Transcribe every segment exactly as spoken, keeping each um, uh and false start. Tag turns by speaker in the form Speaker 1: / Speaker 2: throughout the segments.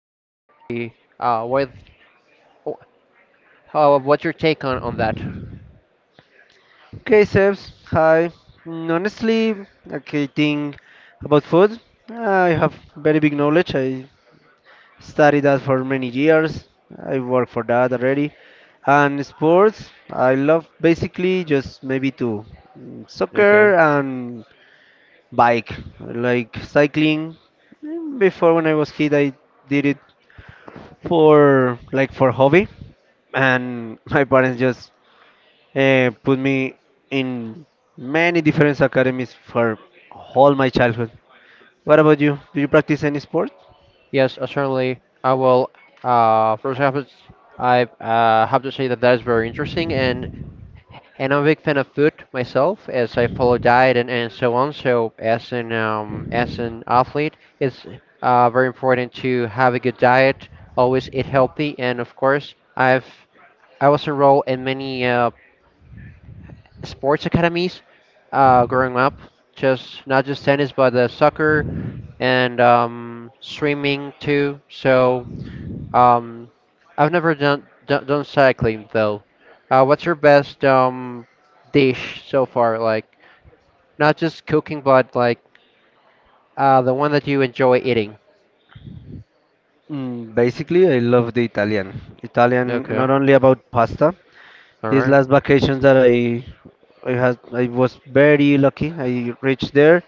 Speaker 1: So Santi, uh, what, how, what's your take on on that?
Speaker 2: Okay, Sebs, hi. Mm, Honestly, okay, thing about food, I have very big knowledge. I studied that for many years. I work for that already. And sports, I love basically just maybe two, mm,
Speaker 1: Okay.
Speaker 2: soccer and bike, like cycling. Mm, Before when I was kid, I did it for like for hobby, and my parents just eh, put me in many different academies for all my childhood. What about you? Do you practice any sport?
Speaker 1: Yes, uh, certainly. I will. Uh, first off, it's- I uh, have to say that that is very interesting, and and I'm a big fan of food myself, as I follow diet and, and so on. So as an um, as an athlete, it's uh, very important to have a good diet, always eat healthy, and of course, I've I was enrolled in many uh, sports academies uh, growing up. Just not just tennis, but uh, soccer and um, swimming too. So um, I've never done done, done cycling though. Uh, what's your best um, dish so far? Like not just cooking, but like uh, the one that you enjoy eating.
Speaker 2: Mm, basically, I love the Italian. Italian,
Speaker 1: Okay.
Speaker 2: not only about pasta.
Speaker 1: All
Speaker 2: These
Speaker 1: right.
Speaker 2: last vacations that I, I had, I was very lucky. I reached there,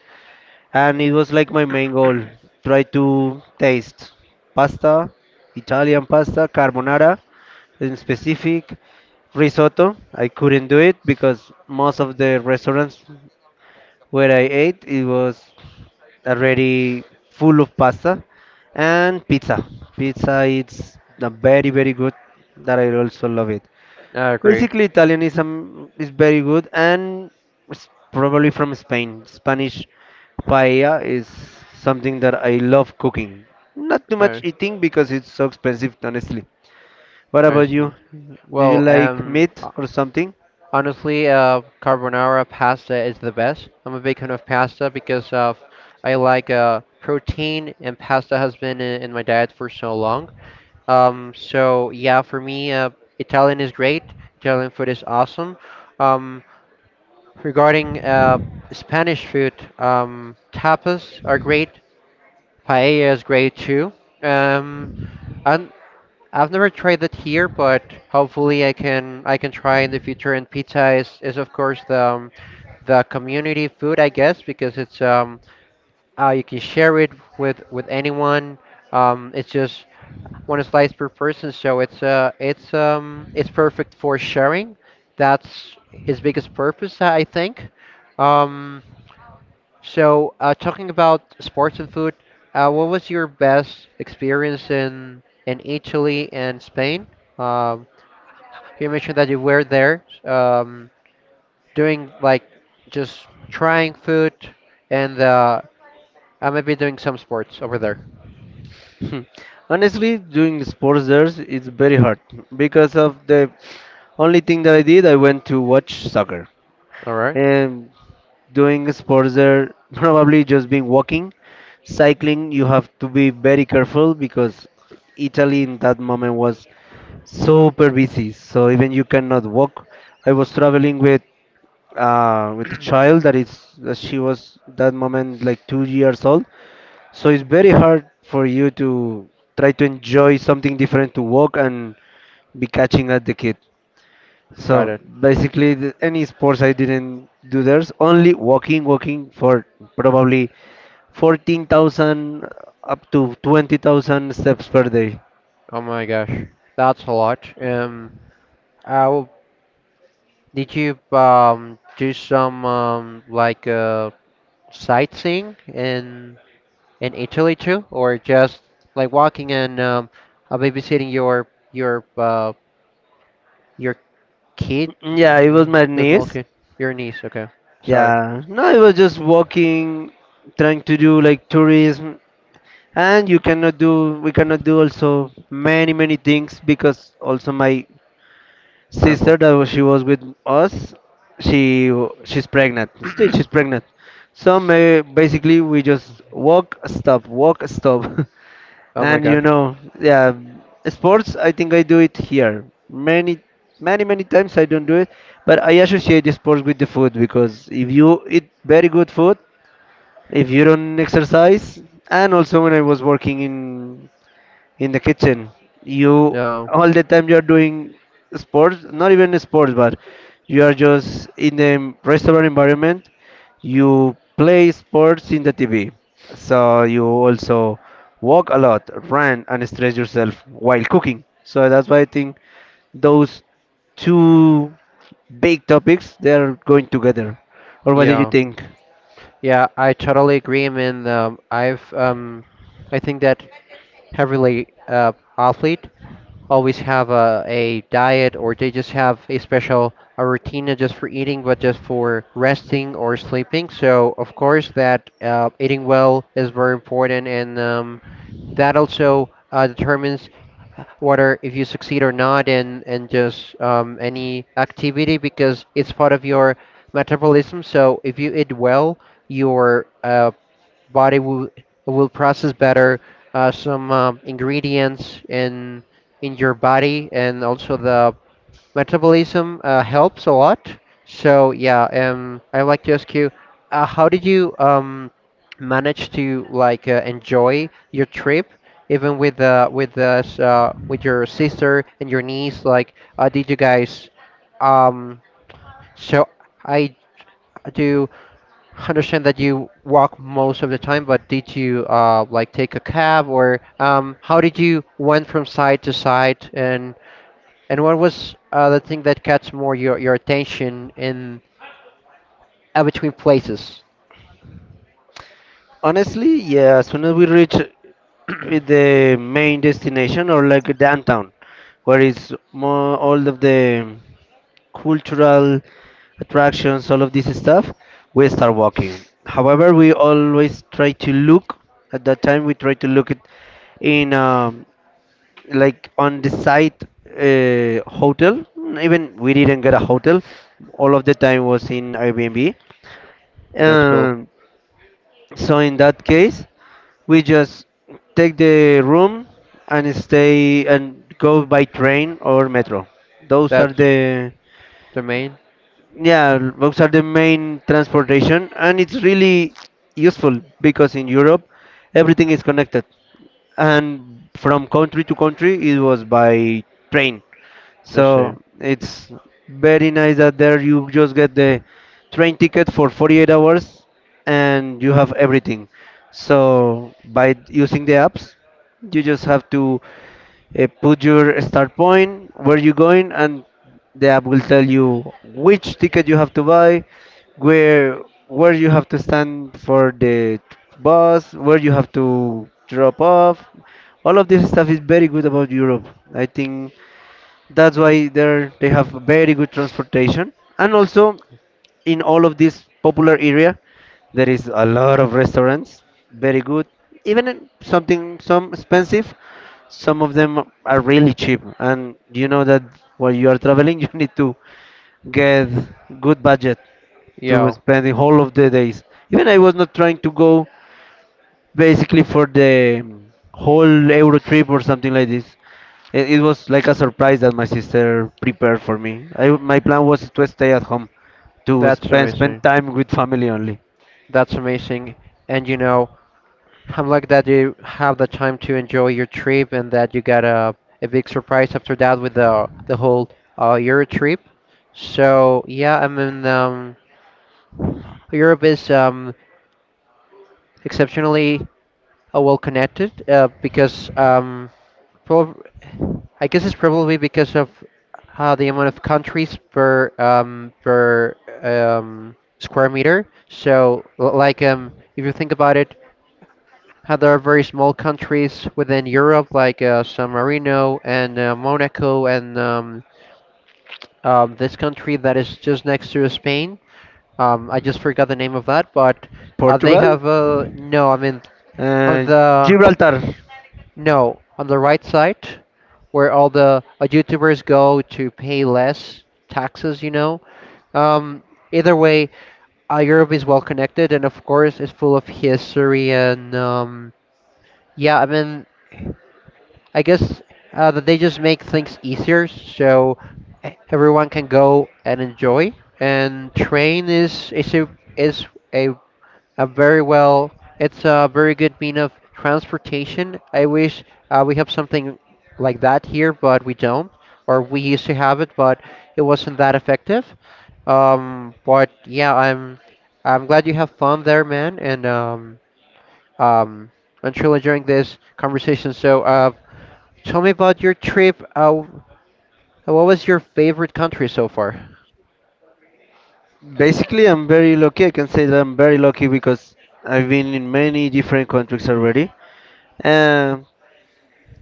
Speaker 2: and it was like my main goal try to taste pasta, italian pasta carbonara in specific. Risotto, I couldn't do it because most of the restaurants where I ate it was already full of pasta and pizza. Pizza, it's a very very good that I also love it.
Speaker 1: I agree.
Speaker 2: Basically, Italian is um, is very good, and it's probably from Spain. Spanish paella is something that I love cooking. Not too
Speaker 1: I
Speaker 2: much eating because it's so expensive, honestly. What
Speaker 1: I
Speaker 2: about you?
Speaker 1: see.
Speaker 2: Do you
Speaker 1: Well,
Speaker 2: like
Speaker 1: um,
Speaker 2: meat or something?
Speaker 1: Honestly, uh, carbonara pasta is the best. I'm a big fan of pasta because of I like uh, protein, and pasta has been in, in my diet for so long. Um, so yeah, for me, uh, Italian is great. Italian food is awesome. Um, regarding uh, Spanish food, um, tapas are great. Paella is great too. Um, I, I've never tried it here, but hopefully I can I can try in the future. And pizza is, is of course the um, the community food, I guess, because it's um uh, you can share it with with anyone. Um, it's just one slice per person, so it's uh it's um it's perfect for sharing. That's his biggest purpose, I think. Um, so, uh, talking about sports and food, uh, what was your best experience in in Italy and Spain? Um, you mentioned that you were there, um, doing like just trying food and uh, I may be doing some sports over there.
Speaker 2: Hmm. Honestly, doing the sports there is very hard because of the only thing that I did. I went to watch soccer.
Speaker 1: All right,
Speaker 2: um, Doing sports are probably just been walking cycling. You have to be very careful because italy in that moment was super busy, so even you cannot walk. I was traveling with uh, with a child that is uh, she was that moment like two years old, so it's very hard for you to try to enjoy something different to walk and be catching at the kid.
Speaker 1: got
Speaker 2: So
Speaker 1: it.
Speaker 2: basically, the, any sports I didn't do. There's only walking, walking for probably fourteen thousand up to twenty thousand steps per day.
Speaker 1: Oh my gosh, that's a lot. Um, uh, did you um do some um like uh sightseeing in in Italy too, or just like walking and um, uh, babysitting your your uh, your kid,
Speaker 2: Mm, Yeah,
Speaker 1: uh,
Speaker 2: it was my
Speaker 1: the small
Speaker 2: niece.
Speaker 1: kid, your niece? Okay, sorry,
Speaker 2: Yeah, no, it was just walking, trying to do like tourism, and you cannot do, we cannot do also many, many things because also my sister
Speaker 1: careful.
Speaker 2: that was, she was with us. She w- she's pregnant, still she's pregnant, so may, basically we just walk stop walk stop
Speaker 1: Oh my
Speaker 2: and you
Speaker 1: gosh.
Speaker 2: know, yeah. Sports, I think I do it here many many many times I don't do it, but I associate the sports with the food, because if you eat very good food, if you don't exercise. And also when I was working in in the kitchen, you
Speaker 1: Yeah,
Speaker 2: all the time you are doing sports, not even sports, but you are just in a restaurant environment. You play sports in the tv, so you also walk a lot, run and stretch yourself while cooking. So that's why I think those two big topics they are going together. Or what do you
Speaker 1: yeah,
Speaker 2: think?
Speaker 1: yeah. I totally agree. I mean, um, I've um, I think that heavily uh, athlete always have a, a diet or they just have a special a routine not just for eating but just for resting or sleeping, so of course that uh, eating well is very important, and um, that also uh, determines whether if you succeed or not in and just um, any activity because it's part of your metabolism. So if you eat well, your uh, body will will process better uh, some um, ingredients and in your body, and also the metabolism uh, helps a lot. So yeah, um, I'd like to ask you, uh, how did you um, manage to like uh, enjoy your trip, even with uh, with us uh, with your sister and your niece? Like, uh, did you guys? Um, so I do understand that you walk most of the time, but did you uh, like take a cab, or um, how did you went from side to side, and and what was uh, the thing that catch more your, your attention in uh, between places?
Speaker 2: Honestly, yeah, as soon as we reach the main destination or like downtown, where it's more all of the cultural attractions, all of this stuff, we start walking. However, we always try to look at that time. We try to look at in um, like on the site uh, hotel. Even we didn't get a hotel. All of the time was in Airbnb.
Speaker 1: That's cool.
Speaker 2: Um. So in that case, we just take the room and stay and go by train or metro. Those are
Speaker 1: That's
Speaker 2: the
Speaker 1: the main.
Speaker 2: Yeah, those are the main transportation, and it's really useful because in Europe everything is connected, and from country to country it was by train.
Speaker 1: Let's see.
Speaker 2: So it's very nice that there you just get the train ticket for forty-eight hours and you have everything. So by using the apps, you just have to uh, put your start point, where you going, and the app will tell you which ticket you have to buy, where where you have to stand for the bus, where you have to drop off. All of this stuff is very good about Europe. I think that's why they they have very good transportation, and also in all of this popular area there is a lot of restaurants, very good. Even in something some expensive, some of them are really cheap, and you know that while you are traveling you need to get good budget to
Speaker 1: Yeah,
Speaker 2: spend the whole of the days. Even I was not trying to go basically for the um, whole Euro trip or something like this. It, it was like a surprise that my sister prepared for me. I, my plan was to stay at home, to
Speaker 1: that's
Speaker 2: spend spend
Speaker 1: amazing.
Speaker 2: time with family only.
Speaker 1: That's amazing. And you know, I'm glad that you have the time to enjoy your trip and that you got a, a big surprise after that with the the whole uh, Euro trip. So yeah, I mean, um, Europe is um, exceptionally Oh, well connected, uh, because um, prob- I guess it's probably because of uh, the amount of countries per um, per um, square meter. So, l- like, um, if you think about it, how there are very small countries within Europe, like uh, San Marino and uh, Monaco, and um, um, this country that is just next to Spain. Um, I just forgot the name of that, but uh, they
Speaker 2: Portugal.
Speaker 1: have uh, no. I mean, on
Speaker 2: uh,
Speaker 1: the
Speaker 2: Gibraltar.
Speaker 1: No, on the right side, where all the uh, YouTubers go to pay less taxes, you know. Um, Either way, uh, Europe is well connected, and of course, it's full of history, and um, yeah. I mean, I guess uh, that they just make things easier so e- everyone can go and enjoy. And train is is a, is a uh, very well. It's a very good mean of transportation. I wish uh, we have something like that here, but we don't. Or we used to have it, but it wasn't that effective. Um, but yeah, I'm I'm glad you have fun there, man, and um, um, I'm truly enjoying this conversation. So, uh, tell me about your trip. Uh, what was your favorite country so far?
Speaker 2: Basically, I'm very lucky. I can say that I'm very lucky because I've been in many different countries already. Um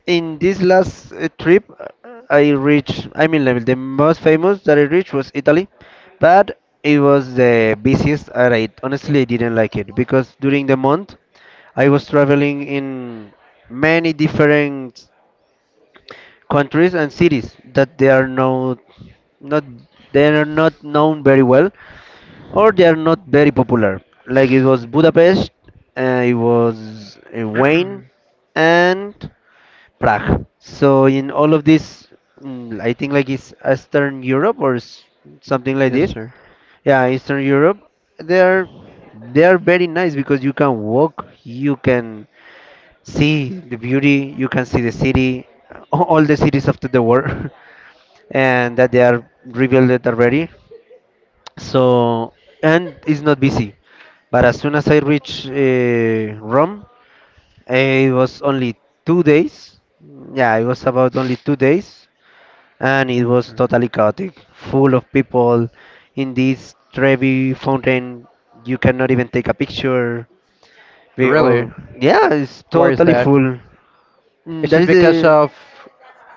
Speaker 2: In this last uh, trip, uh, I reached, I mean, like, the most famous that I reached was Italy, but it was the busiest, and I honestly didn't like it because during the month I was traveling in many different countries and cities that they are not, not they are not known very well, or they are not very popular. Like it was Budapest, uh, it was uh, Wayne, and Prague. So in all of this, mm, I think like it's Eastern Europe or s- something like
Speaker 1: Yes,
Speaker 2: this.
Speaker 1: sir.
Speaker 2: Yeah, Eastern Europe. They're they're very nice because you can walk, you can see the beauty, you can see the city, a- all the cities of the world, and that they are revealed already. So, and it's not busy. But as soon as I reach uh, Rome, it was only two days. Yeah, it was about only two days, and it was totally chaotic, full of people in this Trevi fountain. You cannot even take a picture. We-
Speaker 1: Really?
Speaker 2: Or yeah, it's
Speaker 1: Why is
Speaker 2: totally
Speaker 1: that?
Speaker 2: full. Mm,
Speaker 1: Is
Speaker 2: That
Speaker 1: it
Speaker 2: is
Speaker 1: because
Speaker 2: the
Speaker 1: of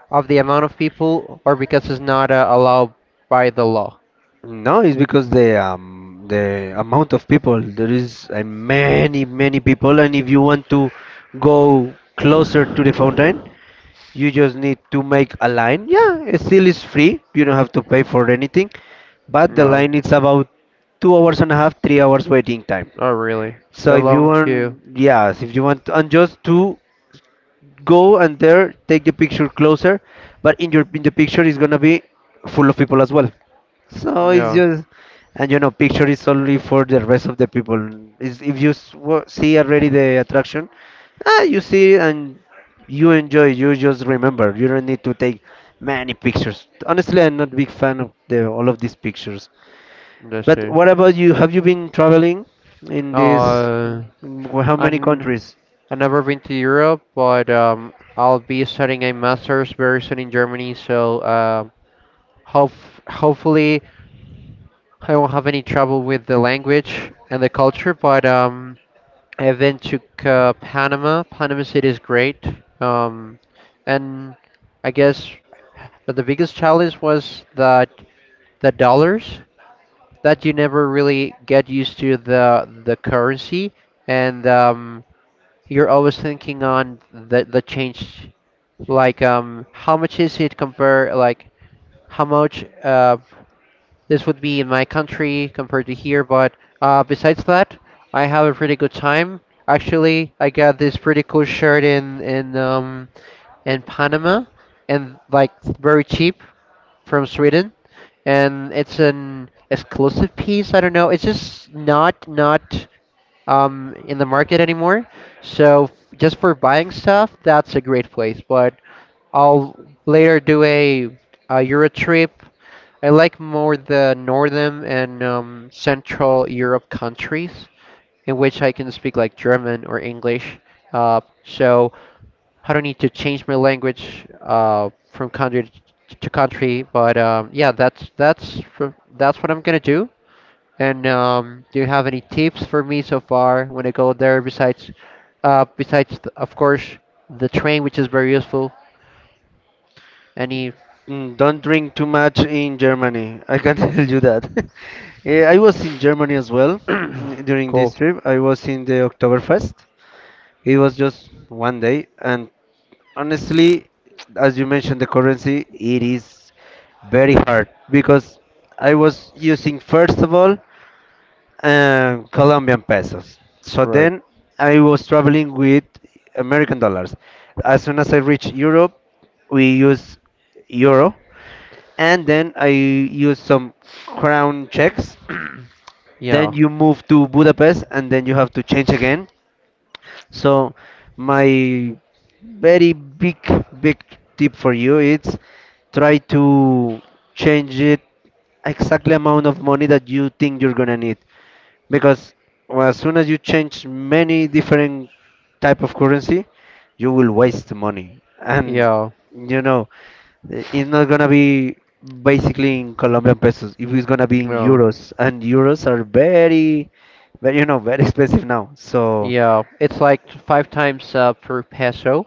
Speaker 1: of the amount of people, or because it's not uh, allowed by the law?
Speaker 2: No. It's because the um the amount of people there is uh, many many people, and if you want to go closer to the fountain, you just need to make a line. Yeah, it still is free, you don't have to pay for anything, but the
Speaker 1: No,
Speaker 2: line is about two hours and a half, three hours waiting time.
Speaker 1: not really.
Speaker 2: So
Speaker 1: The
Speaker 2: if you
Speaker 1: long queue.
Speaker 2: want, yes, if you want, and just to go and there take the picture closer, but in your in the picture is gonna be full of people as well. So it's
Speaker 1: Yeah,
Speaker 2: just, and you know picture is only for the rest of the people, is if you s- wa- see already the attraction. Ah, you see it and you enjoy. You just remember you don't need to take many pictures, honestly. I'm not big fan of the all of these pictures.
Speaker 1: that's
Speaker 2: But
Speaker 1: it.
Speaker 2: what about you? Have you been traveling in this
Speaker 1: Uh,
Speaker 2: in wh- how
Speaker 1: i
Speaker 2: many countries?
Speaker 1: I've never been to Europe, but um, I'll be studying a master's very soon in Germany, so uh, hope, hopefully I won't have any trouble with the language and the culture, but um, I've been to uh, Panama. Panama City is great. Um, and I guess the biggest challenge was that the dollars that you never really get used to the the currency, and um, you're always thinking on the the change, like um, how much is it compare like how much uh, this would be in my country compared to here. But uh, besides that, I have a pretty good time. Actually, I got this pretty cool shirt in in um, in Panama, and like very cheap, from Sweden, and it's an exclusive piece. I don't know. It's just not not um, in the market anymore. So just for buying stuff, that's a great place. But I'll later do a, a Euro trip. I like more the northern and um, central Europe countries in which I can speak like German or English. Uh, so I don't need to change my language uh, from country to country. But um, yeah, that's that's fr- that's what I'm gonna do. And um, do you have any tips for me so far when I go there? Besides, uh, besides th- of course the train, which is very useful. Any
Speaker 2: Mm, Don't drink too much in Germany. I can tell you that. Eh, I was in Germany as well mm, during this
Speaker 1: cool?
Speaker 2: trip. I was in the Oktoberfest. It was just one day, and honestly, as you mentioned, the currency, it is very hard because I was using first of all uh, Colombian pesos. So
Speaker 1: Right.
Speaker 2: then I was traveling with American dollars. As soon as I reached Europe, we use euro, and then I use some crown checks.
Speaker 1: Yeah,
Speaker 2: Then you move to Budapest, and then you have to change again. So my very big, big tip for you is try to change it exactly amount of money that you think you're gonna need, because well, as soon as you change many different type of currency, you will waste money, and
Speaker 1: yeah,
Speaker 2: you know i- it's not gonna be basically in Colombian pesos. If it's gonna be in
Speaker 1: yeah,
Speaker 2: euros, and euros are very, very you know very expensive now. So,
Speaker 1: yeah. It's like five times uh, per peso.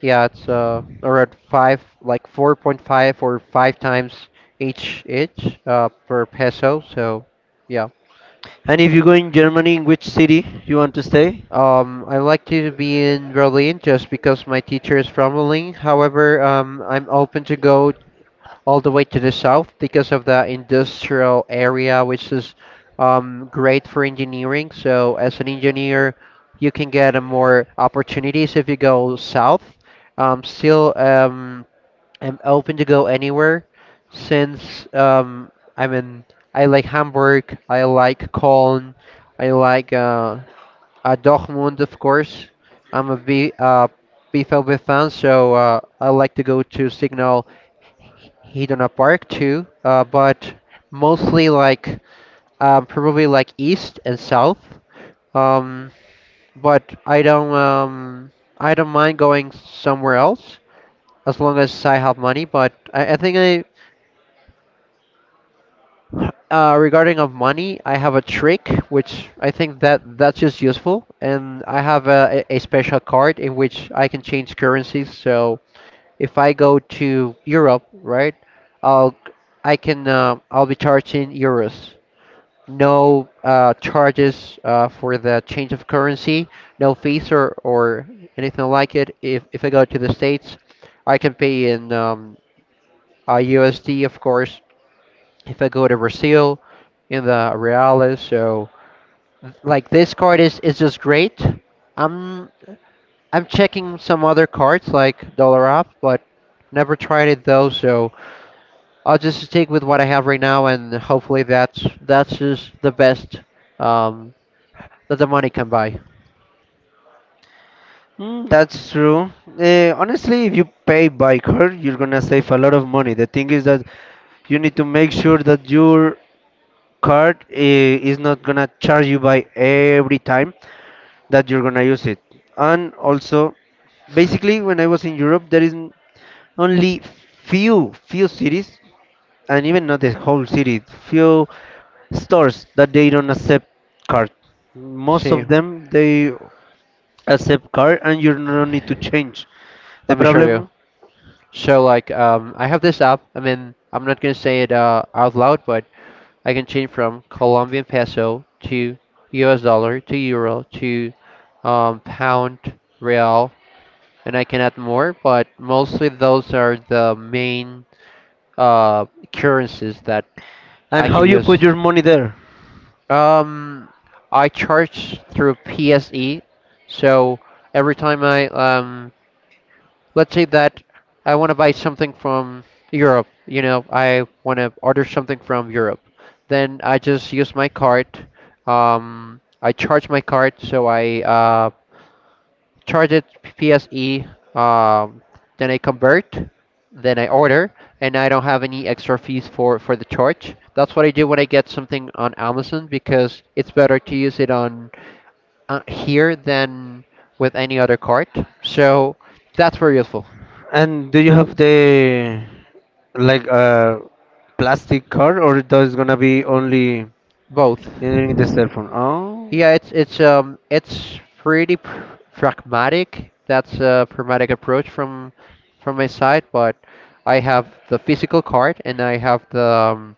Speaker 1: Yeah, it's uh around five, like four point five or five times each each uh per peso. So yeah,
Speaker 2: and if you go in Germany, in which city you want to stay?
Speaker 1: Um, I like to be in Berlin just because my teacher is from Berlin. However, um, I'm open to go all the way to the south because of the industrial area, which is um, great for engineering. So, as an engineer, you can get uh, more opportunities if you go south. Um, still, um, I'm open to go anywhere since um, I'm in. I like Hamburg. I like Cologne. I like uh, uh, Dortmund, of course. I'm a B, uh, B V B fan, so uh, I like to go to Signal Iduna Park too, uh, but mostly like um, probably like east and south. Um, but I don't um, I don't mind going somewhere else as long as I have money. But I, I think I Uh, regarding of money, I have a trick which I think that that's just useful, and I have a, a a special card in which I can change currencies. So if I go to Europe, right, I'll I can uh, I'll be charged in euros. No uh, charges uh, for the change of currency, no fees or, or anything like it. If if I go to the States, I can pay in um, uh, U S D, of course, if I go to Brazil in the Reales, so like this card is is just great. I'm I'm checking some other cards like Dollar Up, but never tried it though. So I'll just stick with what I have right now, and hopefully that's that's just the best um, that the money can buy.
Speaker 2: Mm, that's true. Uh, honestly, if you pay by card, you're gonna save a lot of money. The thing is that you need to make sure that your card eh, is not gonna charge you by every time that you're gonna use it. And also, basically, when I was in Europe, there is n- only few few cities, and even not the whole city, few stores that they don't accept card. Most
Speaker 1: See,
Speaker 2: of them they accept card, and you don't need to change the
Speaker 1: let me show you.
Speaker 2: problem,
Speaker 1: So like um, I have this app. I mean I'm not gonna say it uh, out loud, but I can change from Colombian peso to U S dollar to euro to um, pound, real, and I can add more, but mostly those are the main uh, currencies that
Speaker 2: and
Speaker 1: I
Speaker 2: how
Speaker 1: can
Speaker 2: you
Speaker 1: use.
Speaker 2: put your money there.
Speaker 1: Um, I charge through P S E, so every time I um, let's say that I want to buy something from Europe, you know, I want to order something from Europe. Then I just use my card. Um, I charge my card, so I uh, charge it P S E. Um, then I convert, then I order, and I don't have any extra fees for for the charge. That's what I do when I get something on Amazon because it's better to use it on uh, here than with any other card. So that's very useful.
Speaker 2: And do you have the like a plastic card, or those gonna be only
Speaker 1: Both.
Speaker 2: in the cell phone? Oh,
Speaker 1: Yeah, it's it's um it's pretty pr pragmatic. That's a pragmatic approach from from my side, but I have the physical card and I have the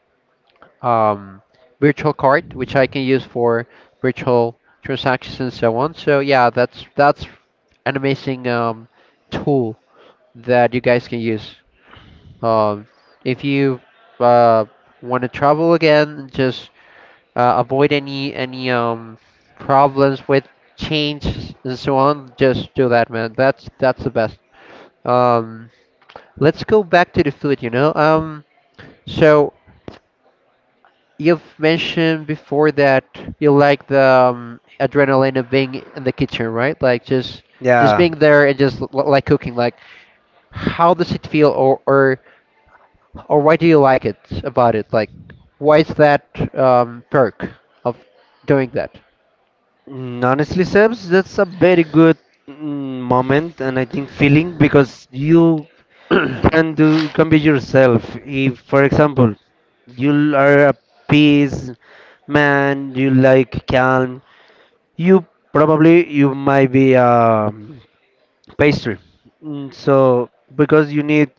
Speaker 1: um, um, virtual card, which I can use for virtual transactions and so on. So yeah, that's that's an amazing um, tool that you guys can use. Um, if you uh, want to travel again, just uh, avoid any any um problems with change and so on. Just do that, man. That's that's the best. Um, let's go back to the food. You know, um, so you've mentioned before that you like the um, adrenaline of being in the kitchen, right? Like just just
Speaker 2: yeah.
Speaker 1: being there and just l- l- like cooking. Like, how does it feel, or or or why do you like it about it? Like, why is that um, perk of doing that?
Speaker 2: Mm, Honestly, Sebs, that's a very good mm, moment, and I think feeling because you can do can be yourself. If, for example, you are a peace man, you like calm. You probably you might be a pastry. Mm, so because you need,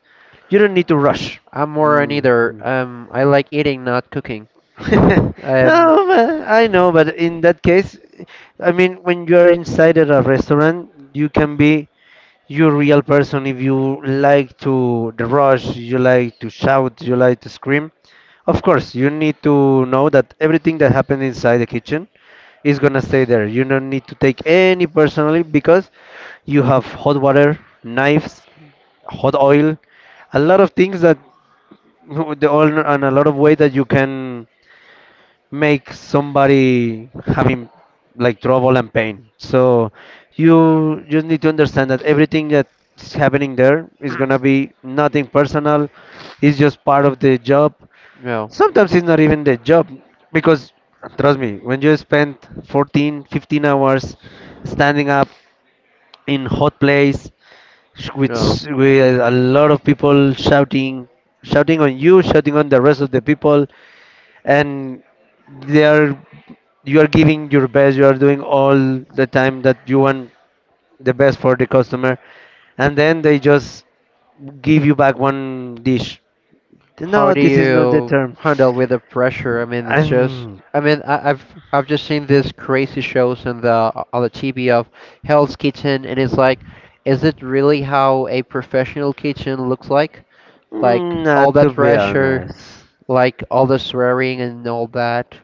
Speaker 2: you don't need to rush.
Speaker 1: I'm more on
Speaker 2: Mm,
Speaker 1: either. Um, I like eating, not cooking. Um,
Speaker 2: no, but I know, but in that case, I mean, when you are inside at a restaurant, you can be your real person if you like to the rush, you like to shout, you like to scream. Of course, you need to know that everything that happened inside the kitchen is gonna stay there. You don't need to take any personally because you have hot water, knives, hot oil, a lot of things that the oil and a lot of way that you can make somebody having like trouble and pain. So you just need to understand that everything that's happening there is gonna be nothing personal. It's just part of the job.
Speaker 1: no,
Speaker 2: Sometimes it's not even the job because trust me, when you spend fourteen, fifteen hours standing up in hot place with,
Speaker 1: no.
Speaker 2: with a lot of people shouting, shouting on you, shouting on the rest of the people, and they are you are giving your best. You are doing all the time that you want the best for the customer, and then they just give you back one dish.
Speaker 1: How
Speaker 2: No,
Speaker 1: do
Speaker 2: this is not the
Speaker 1: you
Speaker 2: term,
Speaker 1: handle with the pressure? I mean, it's just.
Speaker 2: and
Speaker 1: I mean, I, I've I've just seen these crazy shows on the on the T V of Hell's Kitchen, and it's like, is it really how a professional kitchen looks like? Like
Speaker 2: am not,
Speaker 1: all
Speaker 2: to
Speaker 1: that
Speaker 2: be
Speaker 1: pressure,
Speaker 2: honest.
Speaker 1: like all the swearing and all that.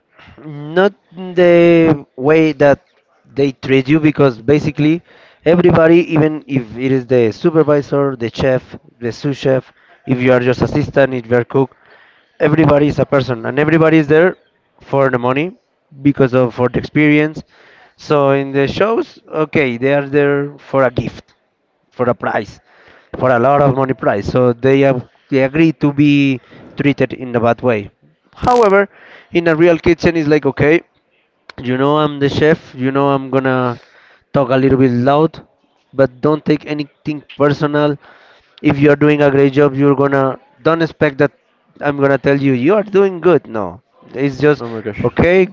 Speaker 2: Not in the way that they treat you, because basically everybody, even if it is the supervisor, the chef, the sous chef, if you are just assistant, if you are cook, everybody is a person and everybody is there for the money, because of for the experience. So in the shows, okay, they are there for a gift, for a price, for a lot of money price. So they, have, they agree to be treated in a bad way. However, in a real kitchen, it's like, okay, you know I'm the chef. You know I'm gonna talk a little bit loud, but don't take anything personal. If you're doing a great job, you're gonna don't expect that I'm gonna tell you you are doing good. No, it's just
Speaker 1: Oh my gosh,
Speaker 2: okay,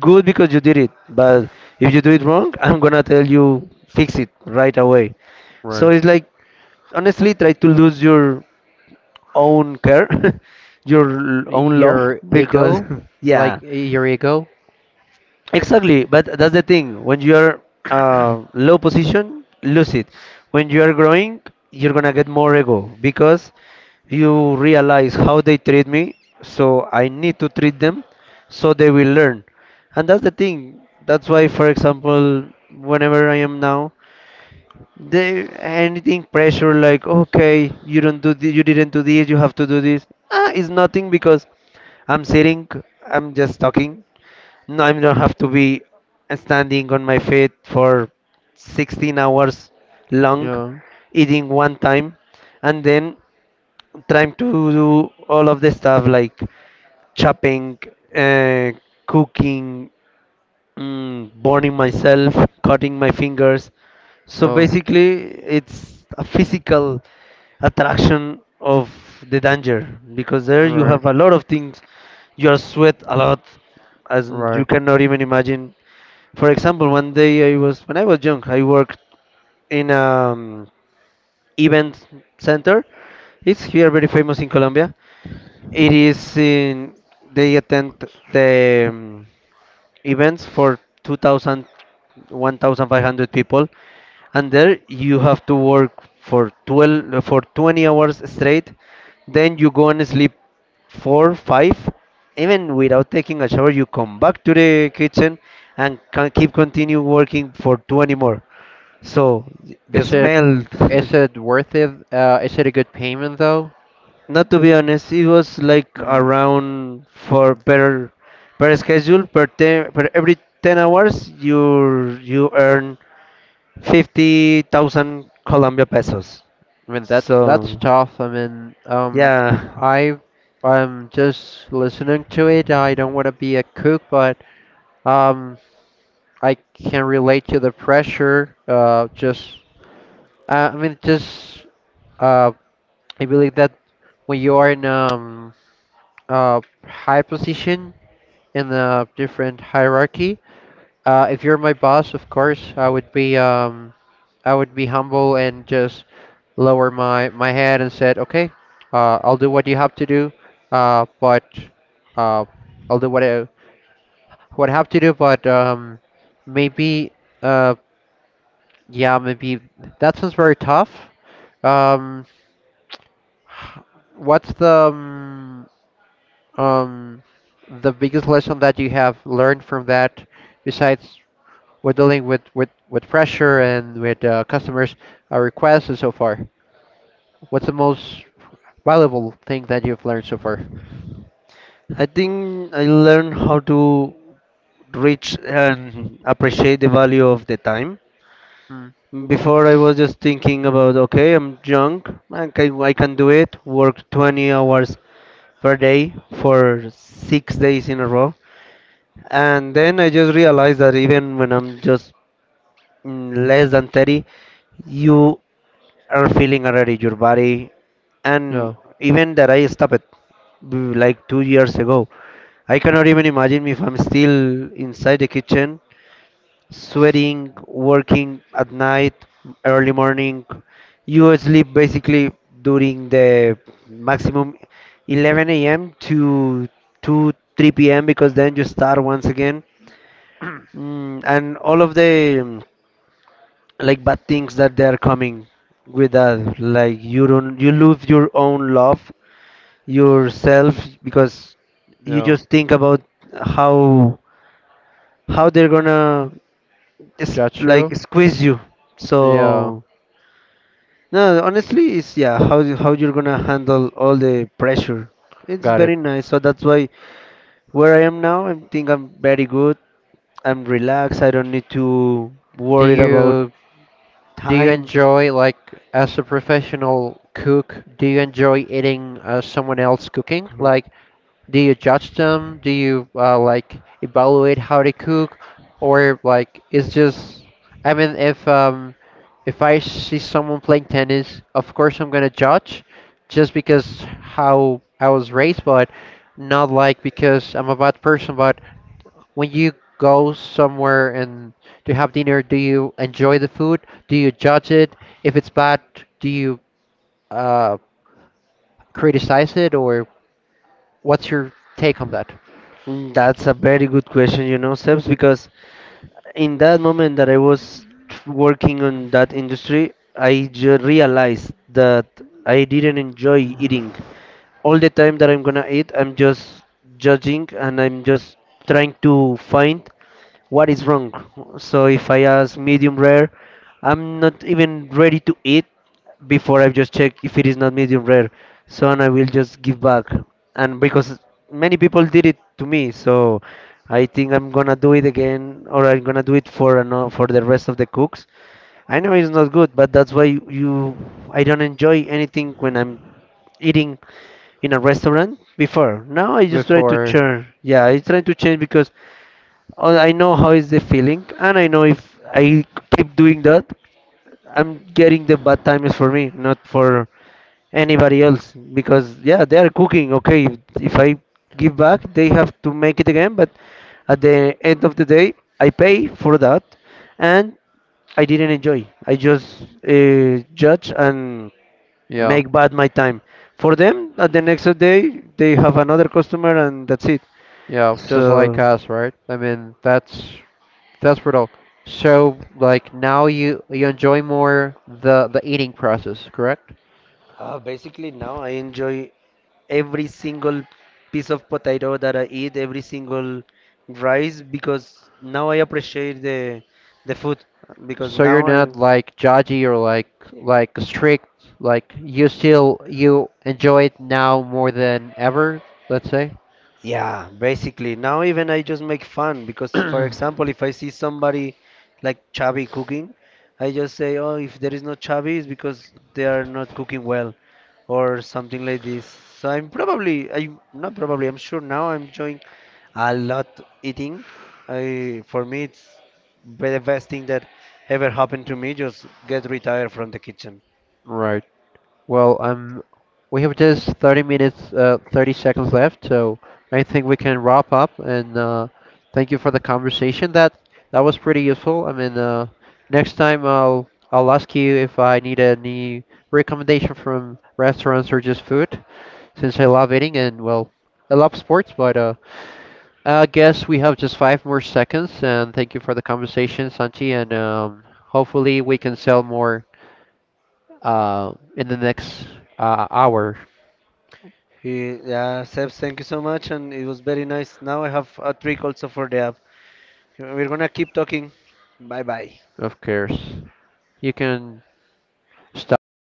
Speaker 2: good because you did it. But if you do it wrong, I'm gonna tell you fix it right away. So
Speaker 1: right?
Speaker 2: it's like honestly try to lose your own care, your l- own love
Speaker 1: Your
Speaker 2: because
Speaker 1: ego, like
Speaker 2: yeah.
Speaker 1: your ego.
Speaker 2: Exactly, but that's the thing. When you're uh, low position, lose it. When you are growing, you're gonna get more ego because you realize how they treat me, so I need to treat them so they will learn. And that's the thing. That's why, for example, whenever I am now, they anything pressure like, okay, you don't do this, you didn't do this, you have to do this. Ah, it's nothing because I'm sitting, I'm just talking, no, I don't have to be standing on my feet for sixteen hours long,
Speaker 1: Yeah.
Speaker 2: eating one time, and then trying to do all of the stuff like chopping, uh, cooking, mm, burning myself, cutting my fingers. So
Speaker 1: Oh,
Speaker 2: basically, it's a physical attraction of the danger because there you
Speaker 1: right,
Speaker 2: have a lot of things. You are sweat a lot, as you
Speaker 1: right.
Speaker 2: cannot even imagine. For example, one day I was, when I was young, I worked in um event center. It's here very famous in Colombia. It is in they attend the um, events for two thousand, one thousand five hundred people, and there you have to work for twelve uh, for twenty hours straight, then you go and sleep four five, even without taking a shower you come back to the kitchen and can keep continue working for twenty more. So the
Speaker 1: Is it
Speaker 2: smell
Speaker 1: is it worth it? Uh, is it a good payment though?
Speaker 2: not to be honest, it was like
Speaker 1: Hmm.
Speaker 2: around for
Speaker 1: I
Speaker 2: per per schedule, per ten, per every ten hours you you earn fifty thousand Colombia pesos.
Speaker 1: mean that's that's
Speaker 2: So
Speaker 1: tough. I mean, um,
Speaker 2: yeah,
Speaker 1: I I'm just listening to it. I don't want to be a cook, but um, I can relate to the pressure. Uh, just uh, I mean, just uh, I believe that when you are in um uh, high position in a different hierarchy. Uh, if you're my boss, of course, I would be um, I would be humble and just lower my my head and said, okay, uh, I'll do what you have to do, uh, but uh, I'll do what I what I have to do, but um, maybe uh, yeah, maybe that sounds very tough. Um, h- what's the um, um, the biggest lesson that you have learned from that, besides we're dealing with, with, with pressure and with uh, customers' uh, requests and so far? What's the most valuable thing that you've learned so far?
Speaker 2: I think I learned how to reach and appreciate the value of the time.
Speaker 1: Hmm.
Speaker 2: Before I was just thinking about okay, I'm young, I can, I can do it. Work twenty hours per day for six days in a row. And then I just realized that even when I'm just mm, less than thirty, you are feeling already your body. And
Speaker 1: No,
Speaker 2: even that I stopped it b- like two years ago. I cannot even imagine if I'm still inside the kitchen, sweating, working at night, early morning. You sleep basically during the maximum eleven a m to two three p m because then you start once again. Mm, and all of the um, like bad things that they are coming with that, like you don't you lose your own love yourself, because you
Speaker 1: no.
Speaker 2: just think about how how they're gonna just
Speaker 1: That's true.
Speaker 2: like squeeze you.
Speaker 1: Yeah,
Speaker 2: So no, honestly, it's yeah how you- how you're gonna handle all the pressure. It's
Speaker 1: got it.
Speaker 2: very nice. So that's why where I am now, I think I'm very good. I'm relaxed. I don't need to
Speaker 1: Do
Speaker 2: worry about
Speaker 1: you do you
Speaker 2: time.
Speaker 1: enjoy like as a professional cook, do you enjoy eating uh, someone else cooking?
Speaker 2: Mm.
Speaker 1: Like, do you judge them? Do you uh, like evaluate how they cook, or like it's just? I mean, if um, if I see someone playing tennis, of course I'm gonna judge, just because how I was raised, but not like because I'm a bad person. But when you go somewhere and to have dinner, do you enjoy the food? Do you judge it? If it's bad, do you uh, criticize it, or what's your take on that?
Speaker 2: That's a very good question, you know, Sebs, because in that moment that I was working on that industry, I ju- realized that I didn't enjoy eating. All the time that I'm gonna eat, I'm just judging and I'm just trying to find what is wrong. So if I ask medium rare, I'm not even ready to eat before I just check if it is not medium rare. So and I will just give back. And because many people did it to me, so I think I'm gonna do it again, or I'm gonna do it for ano- for the rest of the cooks. I know it's not good, but that's why you I don't enjoy anything when I'm eating in a restaurant before. Now I just try to
Speaker 1: Before,
Speaker 2: change. Yeah, I try to change because oh, I know how is the feeling, and I know if I keep doing that, I'm getting the bad times for me, not for anybody else. Because yeah, they are cooking. Okay, if, if I give back, they have to make it again. But at the end of the day, I pay for that, and I didn't enjoy. I just uh, judge and
Speaker 1: yeah.
Speaker 2: make bad my time. For them, at the next day, they have another customer, and that's it.
Speaker 1: Yeah, just like
Speaker 2: So.
Speaker 1: us, right? I mean, that's that's brutal. So, like now you you enjoy more the the eating process, correct?
Speaker 2: Uh, basically, now I enjoy every single piece of potato that I eat, every single rice, because now I appreciate the the food. Because
Speaker 1: So you're
Speaker 2: now I
Speaker 1: not like judgy or like like strict. Like you still you enjoy it now more than ever. Let's say.
Speaker 2: yeah, basically. Now even I just make fun because, for example, if I see somebody like chubby cooking, I just say, "Oh, if there is no chubby, it's because they are not cooking well," or something like this. So I'm probably, I'm not probably, I'm sure now I'm enjoying a lot eating. I For me it's be- the best thing that ever happened to me. Just get retired from the kitchen.
Speaker 1: Right. Well, um, we have just thirty minutes, uh, thirty seconds left, so I think we can wrap up. And uh, thank you for the conversation. That that was pretty useful. I mean, uh, next time I'll I'll ask you if I need any recommendation from restaurants or just food, since I love eating and well, I love sports, but uh. I guess we have just five more seconds, and thank you for the conversation, Santi. And um, hopefully, we can sell more uh, in the next uh, hour,
Speaker 2: Eh, Yeah, Seb, thank you so much, and it was very nice. Now I have a trick also for the app. We're gonna keep talking. Bye bye.
Speaker 1: of course. You can stop the